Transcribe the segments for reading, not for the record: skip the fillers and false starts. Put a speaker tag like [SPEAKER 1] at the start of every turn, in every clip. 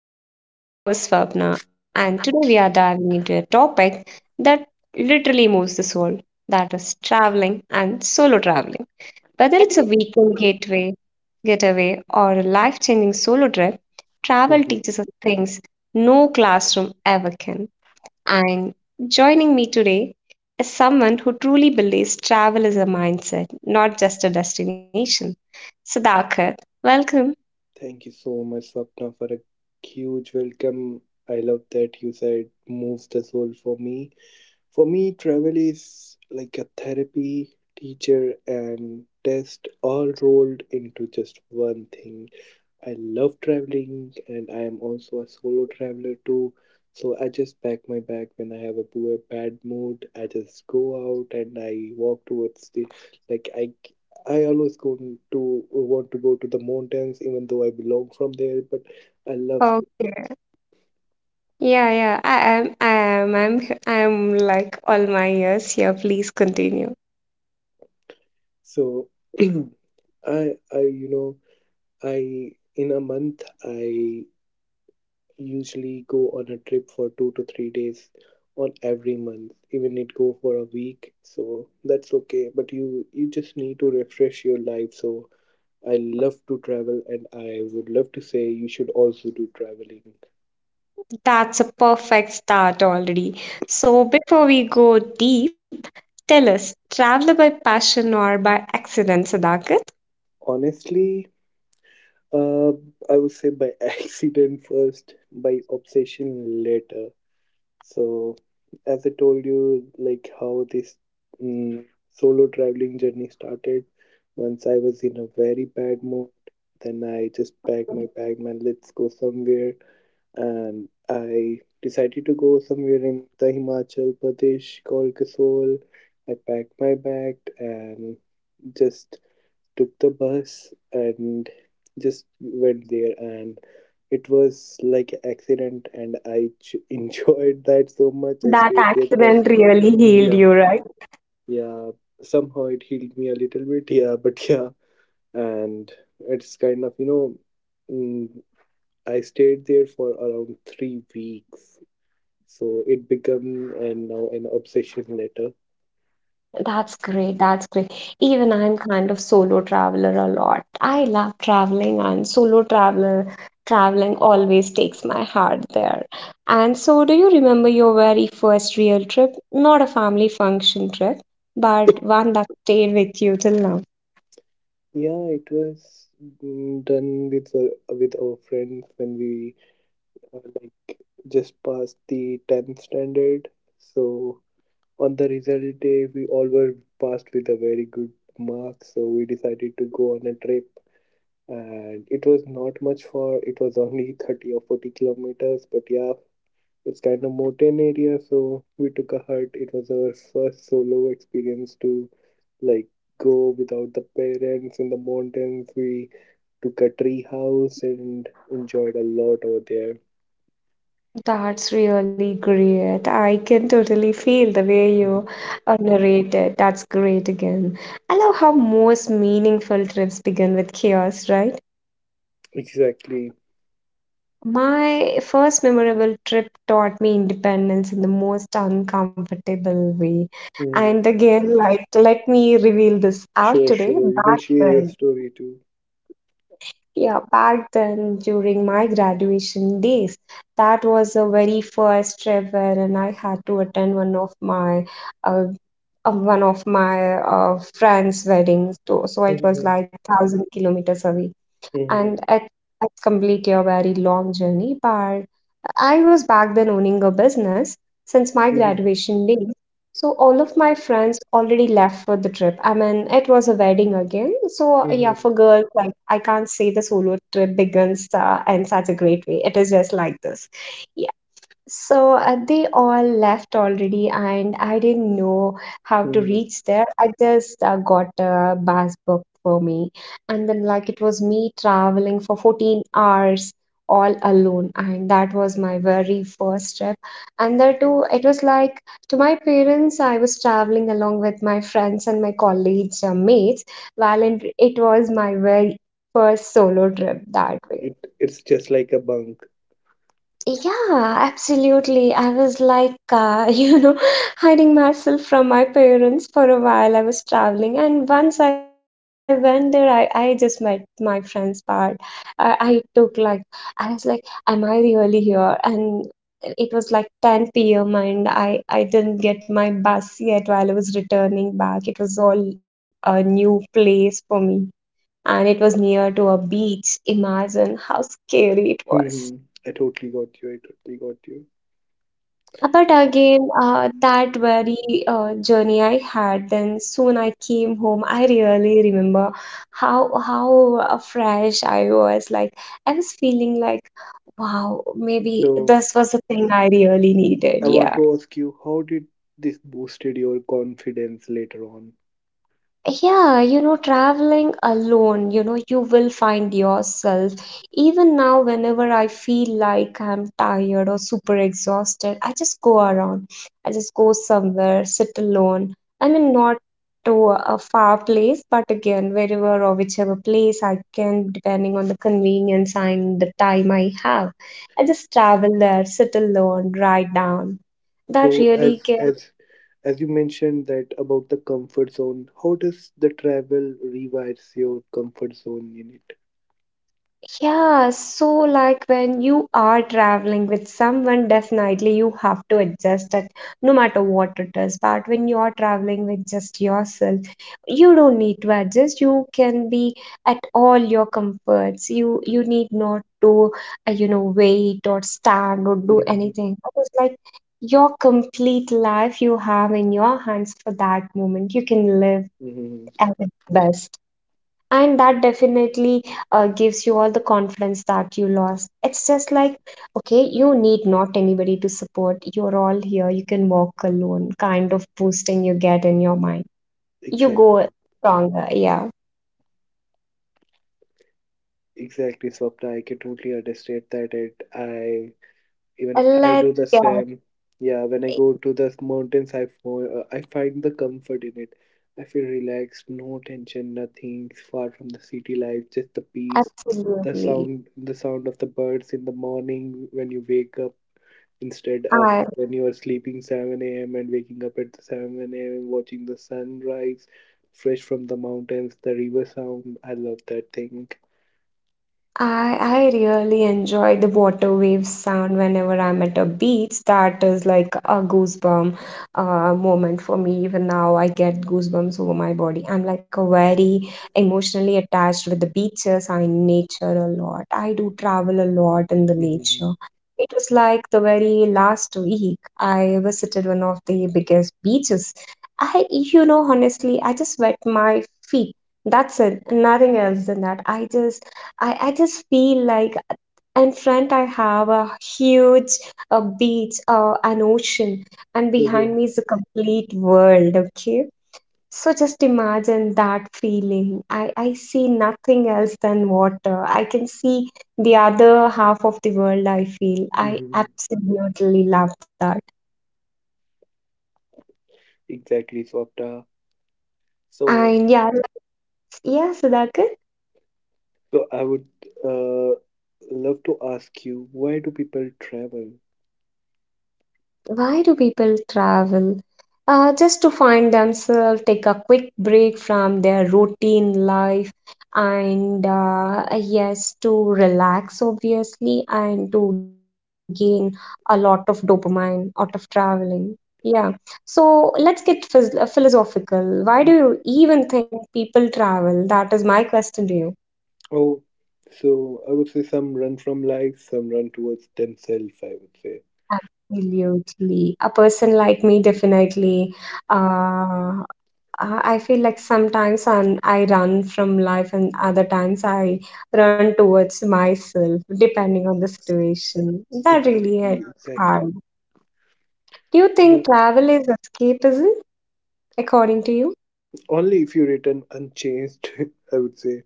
[SPEAKER 1] podcast. I'm your host, Swapna, and
[SPEAKER 2] Okay.
[SPEAKER 1] today we are diving into a topic that literally moves the soul, that is, traveling and solo traveling. Whether it's a weekend getaway, or a life changing solo trip, travel
[SPEAKER 2] Mhm.
[SPEAKER 1] teaches us things no classroom ever can. And joining me today is someone who truly believes travel is a mindset, not just a destination. Sudhakar, welcome.
[SPEAKER 2] Thank you so much, Swapna, for a huge welcome. I love that you said moves the soul for me. For me, travel is like a therapy, teacher, and test all rolled into just one thing. I love traveling and I am also a solo traveler too. So I just pack my bag when I have a poor bad mood. I just go out and I walk towards the like I always go to want to go to the mountains even though I belong from there, but I love.
[SPEAKER 1] Yeah, yeah. I am. I am. I'm. H- I'm like all my years here. Please continue.
[SPEAKER 2] So, I you know I in a month I usually go on a trip for 2 to 3 days on every month, even it go for a week. So that's okay, but you just need to refresh your life. So I love to travel, and I would love to say you should also do traveling.
[SPEAKER 1] That's a perfect start already. So before we go deep, tell us, travel by passion or by accident, Sadakit?
[SPEAKER 2] Honestly, uh, I would say by accident first, by obsession later. So, as I told you, like how this solo traveling journey started, once I was in a very bad mood, then I just packed my bag, man, let's go somewhere. And I decided to go somewhere in the Himachal Pradesh called Kasol. I packed my bag and just took the bus and just went there, and it was like a accident, and I enjoyed that so much. I
[SPEAKER 1] That
[SPEAKER 2] stayed there for,
[SPEAKER 1] accident really healed
[SPEAKER 2] yeah,
[SPEAKER 1] you, right?
[SPEAKER 2] yeah, somehow it healed me a little bit. Yeah, but yeah. And it's kind of mm, I stayed there for around 3 weeks, so it became, and now an obsession later.
[SPEAKER 1] That's great. That's great. Even I'm kind of solo traveler a lot. I love traveling, and solo traveler traveling always takes my heart there. And so do you remember your very first real trip? Not a family function trip, but one that stayed with you till now.
[SPEAKER 2] Yeah, it was done with our friends when we like just past the 10th standard. So on the result day, we all were passed with a very good mark, so we decided to go on a trip. And it was not much far. It was only 30 or 40 kilometers, but yeah, it's kind of mountain area, so we took a hut. It was our first solo experience to, like, go without the parents in the mountains. We took a tree house and enjoyed a lot over there.
[SPEAKER 1] That's really great. I can totally feel the way you
[SPEAKER 2] Mhm.
[SPEAKER 1] narrate it. That's great again. I love how most meaningful trips begin with chaos, right?
[SPEAKER 2] Exactly.
[SPEAKER 1] My first memorable trip taught me independence in the most uncomfortable way. And
[SPEAKER 2] Mhm.
[SPEAKER 1] again, like, let me reveal this out
[SPEAKER 2] Sure,
[SPEAKER 1] today.
[SPEAKER 2] sure. You can
[SPEAKER 1] Back
[SPEAKER 2] share your
[SPEAKER 1] then,
[SPEAKER 2] story too.
[SPEAKER 1] yeah, back then during my graduation days, that was the very first trip wherein I had to attend uh, one of my friends' weddings. So it was
[SPEAKER 2] Mhm.
[SPEAKER 1] like 1,000 kilometers away, and
[SPEAKER 2] Mhm.
[SPEAKER 1] it's completely a very long journey. But I was back then owning a business since my
[SPEAKER 2] Mhm.
[SPEAKER 1] graduation days. So all of my friends already left for the trip. I mean, it was a wedding again. So yeah,
[SPEAKER 2] Mhm.
[SPEAKER 1] for girls, like I can't say the solo trip begins in such a great way. It is just like this. So they all left already, and I didn't know how to
[SPEAKER 2] Mhm.
[SPEAKER 1] reach there. I just got a bus booked for me, and then like it was me traveling for 14 hours all alone, and that was my very first trip. And there too, it was like, to my parents, I was traveling along with my friends and my college mates, it was my very first solo trip that way.
[SPEAKER 2] It it's just like a bunk.
[SPEAKER 1] Yeah, absolutely. I was like, hiding myself from my parents for a while. I was traveling, and once I went there, I just met my friends part. I took like, I was like, am I really here? And it was like 10 p.m. and I didn't get my bus yet while I was returning back. It was all a new place for me, and it was near to a beach. Imagine how scary it was.
[SPEAKER 2] Hmm. I totally got you. I totally got you.
[SPEAKER 1] But again, that very journey I had, then soon I came home. I really remember how fresh I was. Like I was feeling like, wow, maybe
[SPEAKER 2] So
[SPEAKER 1] this was the thing I really
[SPEAKER 2] I
[SPEAKER 1] needed.
[SPEAKER 2] want
[SPEAKER 1] Yeah.
[SPEAKER 2] to ask you, how did this boosted your confidence later on?
[SPEAKER 1] Yeah, traveling alone, you will find yourself. Even now, whenever I feel like I'm tired or super exhausted, I just go around. I just go somewhere, sit alone. I mean, not to a far place, but again, wherever or whichever place I can, depending on the convenience and the time I have. I just travel there, sit alone, write down. That
[SPEAKER 2] So,
[SPEAKER 1] really
[SPEAKER 2] as
[SPEAKER 1] gives.
[SPEAKER 2] as as you mentioned that about the comfort zone, how does the travel rewires your comfort zone in it?
[SPEAKER 1] Yeah, so like when you are traveling with someone, definitely you have to adjust it no matter what it is. But when you are traveling with just yourself, you don't need to adjust. You can be at all your comforts. You need not to wait or stand or do
[SPEAKER 2] Mm-hmm.
[SPEAKER 1] anything. It's like your complete life you have in your hands for that moment. You can live
[SPEAKER 2] Mm-hmm.
[SPEAKER 1] at its best, and that definitely gives you all the confidence that you lost. It's just like, okay, you need not anybody to support, you're all here, you can walk alone, kind of boosting you get in your mind, you
[SPEAKER 2] Exactly.
[SPEAKER 1] go stronger. Yeah.
[SPEAKER 2] Exactly, Swapna. I can totally understand that. It. I even I
[SPEAKER 1] Let's
[SPEAKER 2] do the
[SPEAKER 1] get
[SPEAKER 2] same. Yeah, when I
[SPEAKER 1] it.
[SPEAKER 2] go to the mountains, I find the comfort in it. I feel relaxed, no tension, nothing. Far from the city life, just the peace, the
[SPEAKER 1] Absolutely,
[SPEAKER 2] sound, the sound of the birds in the morning when you wake up, instead of
[SPEAKER 1] i
[SPEAKER 2] when you are sleeping 7 a.m. and waking up at 7 a.m. watching the sunrise, fresh from the mountains, the river sound. I love that thing.
[SPEAKER 1] I really enjoy the water waves sound whenever I'm at a beach. That is like a goosebump moment for me. Even now, I get goosebumps over my body. I'm like a very emotionally attached with the beaches and nature a lot. I do travel a lot in the
[SPEAKER 2] Hmm.
[SPEAKER 1] nature. It was like the very last week I visited one of the biggest beaches. I, honestly, I just wet my feet. That's it. Nothing else than that. I just feel like in front I have a beach, an ocean, and behind me is a complete world, okay? So just imagine that feeling. I see nothing else than water. I can see the other half of the world, I feel. I
[SPEAKER 2] Mm-hmm.
[SPEAKER 1] absolutely love that.
[SPEAKER 2] Exactly, Swapta. So,
[SPEAKER 1] And yeah, yeah, Sudhakar.
[SPEAKER 2] so I would uh, love to ask you, why do people travel?
[SPEAKER 1] Why do people travel? Just to find themselves, take a quick break from their routine life, and yes, to relax, obviously, and to gain a lot of dopamine out of traveling. Yeah. So let's get phys philosophical. Why do you
[SPEAKER 2] Mm.
[SPEAKER 1] even think people travel? That is my question to you.
[SPEAKER 2] Oh, so I would say some run from life, some run towards themselves, I would say.
[SPEAKER 1] Absolutely. A person like me definitely. uh, I feel like sometimes I run from life, and other times I run towards myself, depending on the situation. That
[SPEAKER 2] Exactly,
[SPEAKER 1] really hit
[SPEAKER 2] exactly.
[SPEAKER 1] hard. Do you
[SPEAKER 2] No,
[SPEAKER 1] think travel is escapism, according to you?
[SPEAKER 2] only if you return unchanged, I would say.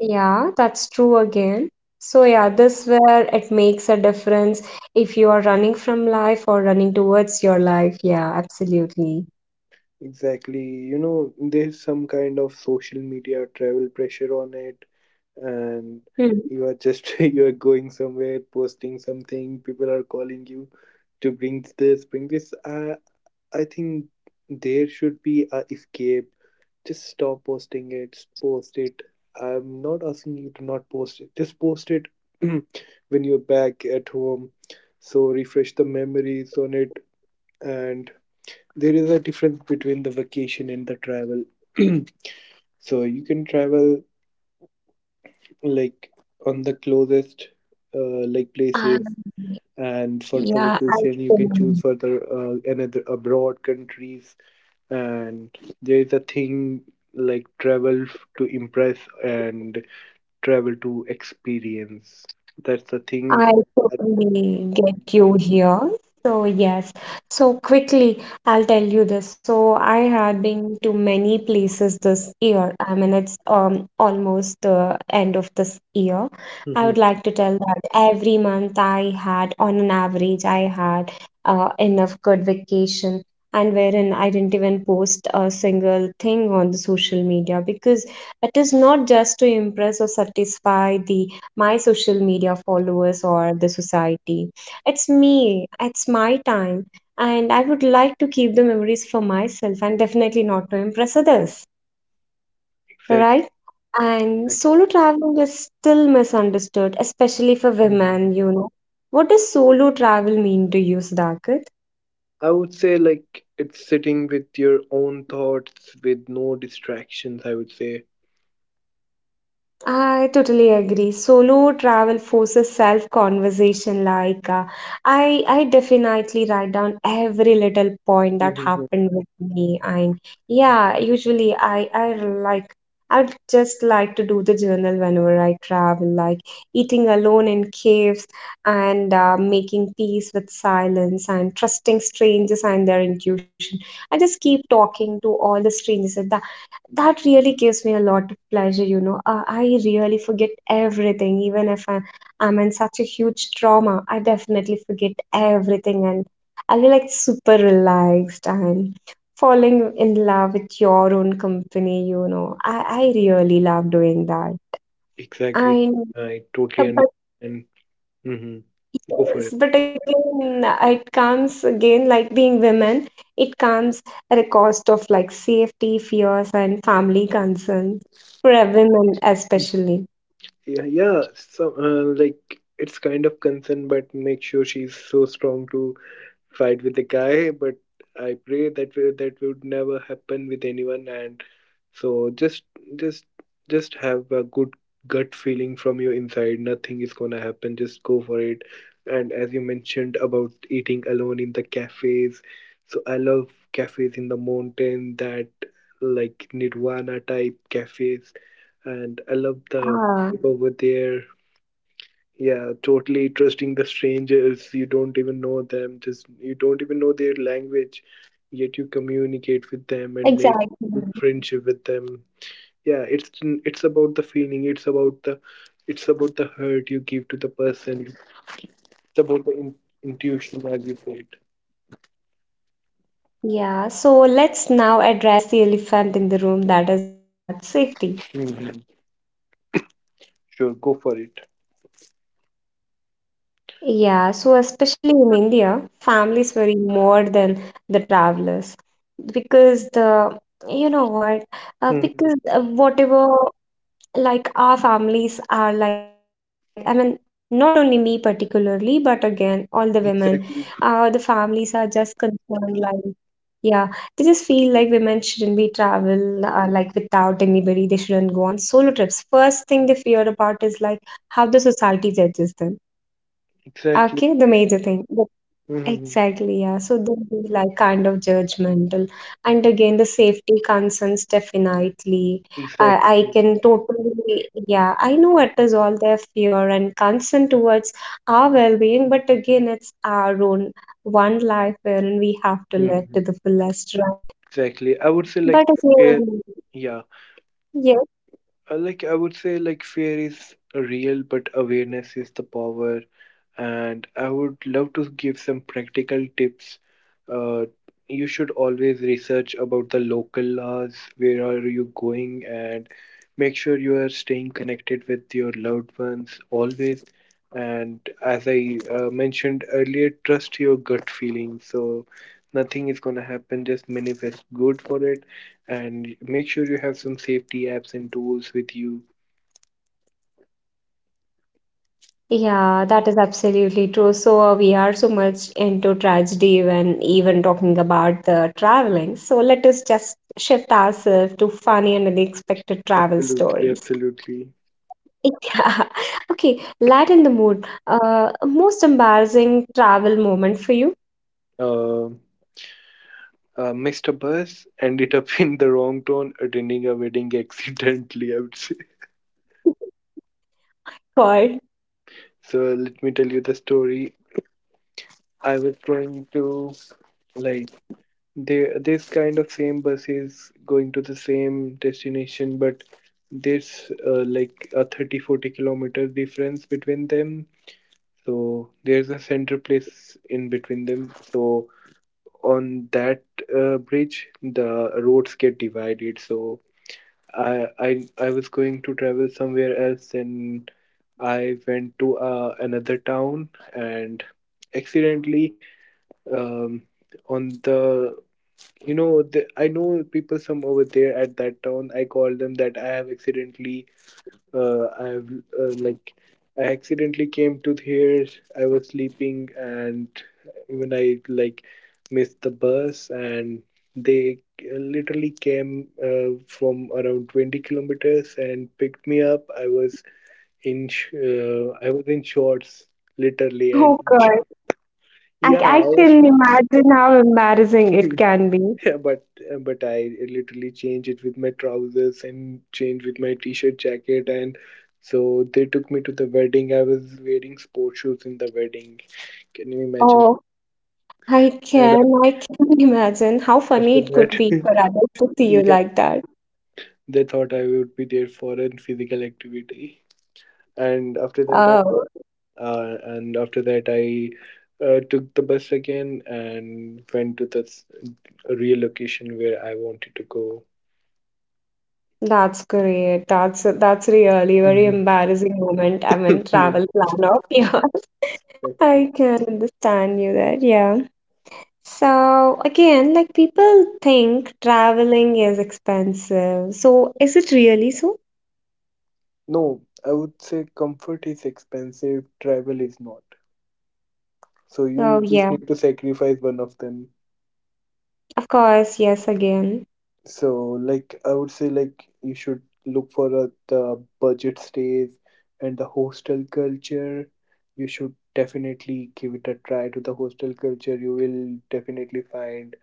[SPEAKER 1] Yeah, that's true again. So, yeah, this where it makes a difference if you are running from life or running towards your life. Yeah, absolutely.
[SPEAKER 2] Exactly. You know, there's some kind of social media travel pressure on it. And
[SPEAKER 1] Hmm.
[SPEAKER 2] you are just you are going somewhere, posting something, people are calling you to bring this, bring this. I think there should be a escape. Just stop posting it. Post it. I'm not asking you to not post it, just post it when you're back at home, so refresh the memories on it. And there is a difference between the vacation and the travel. So you can travel, like, on the closest like
[SPEAKER 1] Um,
[SPEAKER 2] places, and for the
[SPEAKER 1] yeah, I
[SPEAKER 2] vacation you can choose further, another abroad countries. And there is a thing like travel to impress and travel to experience. That's the thing.
[SPEAKER 1] I
[SPEAKER 2] I need to get
[SPEAKER 1] totally
[SPEAKER 2] experience.
[SPEAKER 1] get you here. So, yes. So, quickly, I'll tell you this. So, I had been to many places this year. I mean, it's almost the end of this year. I
[SPEAKER 2] Mhm.
[SPEAKER 1] would like to tell that every month I had, on an average, I had enough good vacation, and wherein I didn't even post a single thing on the social media because it is not just to impress or satisfy the my social media followers or the society. It's me, it's my time, and I would like to keep the memories for myself and definitely not to impress others,
[SPEAKER 2] Exactly,
[SPEAKER 1] right? And
[SPEAKER 2] exactly.
[SPEAKER 1] solo traveling is still misunderstood, especially for
[SPEAKER 2] Mhm.
[SPEAKER 1] women. What does solo travel mean to you, Sudhakar?
[SPEAKER 2] I would say like it's sitting with your own thoughts with no distractions, I would say.
[SPEAKER 1] I totally agree. Solo travel forces self-conversation. Like, I definitely write down every little point that happened with me, and yeah, usually I'd just like to do the journal whenever I travel, like eating alone in caves and making peace with silence and trusting strangers and their intuition. I just keep talking to all the strangers. That really gives me a lot of pleasure. I really forget everything, even if I'm in such a huge trauma. I definitely forget everything, and I'll be like super relaxed and falling in love with your own company. I really love doing that.
[SPEAKER 2] Exactly.
[SPEAKER 1] And
[SPEAKER 2] I totally
[SPEAKER 1] but
[SPEAKER 2] understand. Mhm. Go for
[SPEAKER 1] Yes,
[SPEAKER 2] it.
[SPEAKER 1] but again, it comes again, like being women, it comes at a cost of like safety fears and family concerns for a women especially.
[SPEAKER 2] Yeah, yeah. So, like, it's kind of concern, but make sure she's so strong to fight with the guy. But I pray that that would never happen with anyone. And so just just have a good gut feeling from your inside. Nothing is gonna happen. Just go for it. And as you mentioned about eating alone in the cafes, so I love cafes in the mountain, that like Nirvana type cafes, and I love the
[SPEAKER 1] Ah,
[SPEAKER 2] vibe over there. Yeah, totally trusting the strangers. You don't even know them. Just you don't even know their language, yet you communicate with them
[SPEAKER 1] exactly.
[SPEAKER 2] and make good friendship with them. Yeah, it's about the feeling. It's about the hurt you give to the person. It's about the intuition, as you said.
[SPEAKER 1] Yeah, so let's now address the elephant in the room, that is all about safety.
[SPEAKER 2] Mhm. Sure, go for it.
[SPEAKER 1] Yeah, so especially in India, families worry more than the travelers because the you know what, because
[SPEAKER 2] Hmm.
[SPEAKER 1] whatever, like our families are, like, I mean not only me particularly but again all the women, the
[SPEAKER 2] Exactly.
[SPEAKER 1] families are just concerned, like, yeah, they just feel like women shouldn't be travel, like without anybody, they shouldn't go on solo trips. First thing they fear about is like how the society judges them,
[SPEAKER 2] Exactly.
[SPEAKER 1] okay, the major thing.
[SPEAKER 2] Hmm.
[SPEAKER 1] Exactly, yeah. So they'll be like kind of judgmental. And again, the safety concerns definitely. I
[SPEAKER 2] Exactly.
[SPEAKER 1] I can totally, yeah, I know it is all their fear and concern towards our well-being, but again, it's our own one life wherein we have to live to
[SPEAKER 2] Hmm.
[SPEAKER 1] the fullest, right?
[SPEAKER 2] Exactly. I would say
[SPEAKER 1] But
[SPEAKER 2] like fair.
[SPEAKER 1] again,
[SPEAKER 2] Yeah,
[SPEAKER 1] yeah.
[SPEAKER 2] Uh, like I would say, like, fear is real, but awareness is the power. And I would love to give some practical tips. Uh, you should always research about the local laws. Where are you going? And make sure you are staying connected with your loved ones always. And as I mentioned earlier, trust your gut feeling. So nothing is gonna happen. Just manifest good for it, and make sure you have some safety apps and tools with you.
[SPEAKER 1] Yeah, that is absolutely true. So we are so much into tragedy when even talking about the traveling. So let us just shift ourselves to funny and unexpected travel
[SPEAKER 2] Absolutely,
[SPEAKER 1] stories.
[SPEAKER 2] absolutely.
[SPEAKER 1] Yeah. Okay, lighten the mood. Most embarrassing travel moment for you?
[SPEAKER 2] Uh, Missed a bus, ended up in the wrong town, attending a wedding accidentally, I would say.
[SPEAKER 1] God.
[SPEAKER 2] So let me tell you the story. I was going to, like, there, this kind of same buses going to the same destination, but there's like a 30-40 kilometer difference between them. So there's a center place in between them. So on that bridge the roads get divided, so I was going to travel somewhere else, and I went to another town, and accidentally, um, on the you know the, I know people some over there at that town. I called them that I have accidentally I have like I accidentally came to here. I was sleeping, and even I, like, missed the bus, and they literally came from around 20 kilometers and picked me up. I was in shorts, literally,
[SPEAKER 1] Oh
[SPEAKER 2] and
[SPEAKER 1] God. I,
[SPEAKER 2] yeah,
[SPEAKER 1] I
[SPEAKER 2] I was.
[SPEAKER 1] can imagine how embarrassing it can be.
[SPEAKER 2] But I literally change it with my trousers and change with my t-shirt jacket, and so they took me to the wedding. I was wearing sports shoes in the wedding. Can you imagine?
[SPEAKER 1] Oh, I
[SPEAKER 2] And
[SPEAKER 1] can. I can imagine how funny
[SPEAKER 2] after
[SPEAKER 1] it could
[SPEAKER 2] that,
[SPEAKER 1] be for others to see you
[SPEAKER 2] yeah,
[SPEAKER 1] like that.
[SPEAKER 2] they thought I would be there for a physical activity. And after that, I
[SPEAKER 1] Oh,
[SPEAKER 2] uh, and after that I uh, took the bus again and went to the real location where I wanted to go.
[SPEAKER 1] that's great. That's really very embarrassing moment. I mean,
[SPEAKER 2] Mhm.
[SPEAKER 1] travel planner of yours. I can understand you there. Yeah. So again, like people think traveling is expensive. So is it really so?
[SPEAKER 2] No, I would say comfort is expensive, travel is not. So you
[SPEAKER 1] Oh
[SPEAKER 2] n- just
[SPEAKER 1] yeah,
[SPEAKER 2] need to sacrifice one of them.
[SPEAKER 1] of course, yes again.
[SPEAKER 2] So, like, I would say like you should look for the budget stays and the hostel culture. You should definitely give it a try to the hostel culture. You will definitely find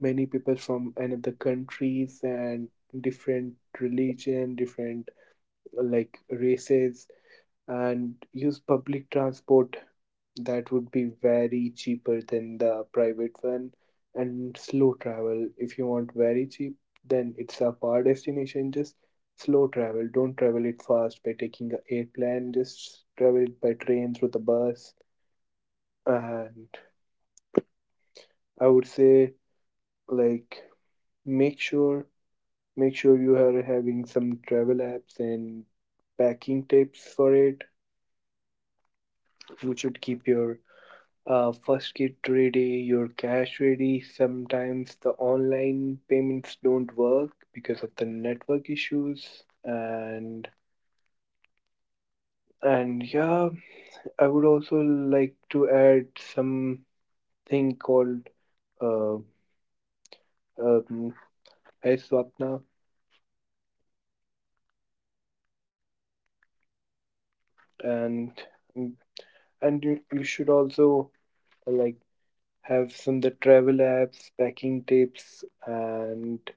[SPEAKER 2] many people from another countries and different religion, different, like races, and use public transport. That would be very cheaper than the private one. And slow travel, if you want very cheap, then it's a far destination. Just slow travel, don't travel it fast by taking a airplane. Just travel it by train, through the bus. And I would say, like, make sure make sure you are having some travel apps and packing tips for it. You should keep your, first get ready, your cash ready. Sometimes the online payments don't work because of the network issues, and yeah, I would also like to add something called, uh, um, hey Swapna, and and you should also, like, have some the travel apps, packing tips, and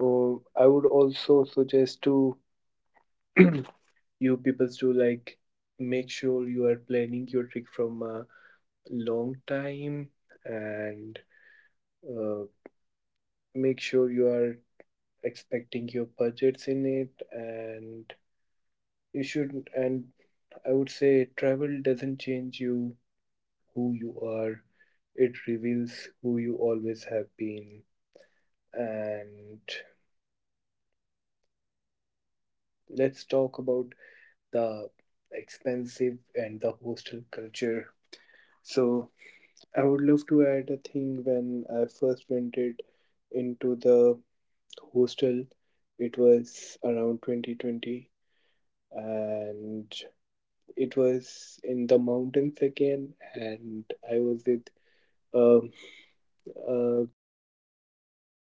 [SPEAKER 2] oh, I would also suggest to you people to, like, make sure you are planning your trick from a long time, and uh, make sure you are expecting your budgets in it. And you shouldn't. And I would say travel doesn't change you, who you are, it reveals who you always have been. And let's talk about the expensive and the hostel culture. So I would love to add a thing when I first rented into the hostel. It was around 2020, and it was in the mountains again, and I was with, um, a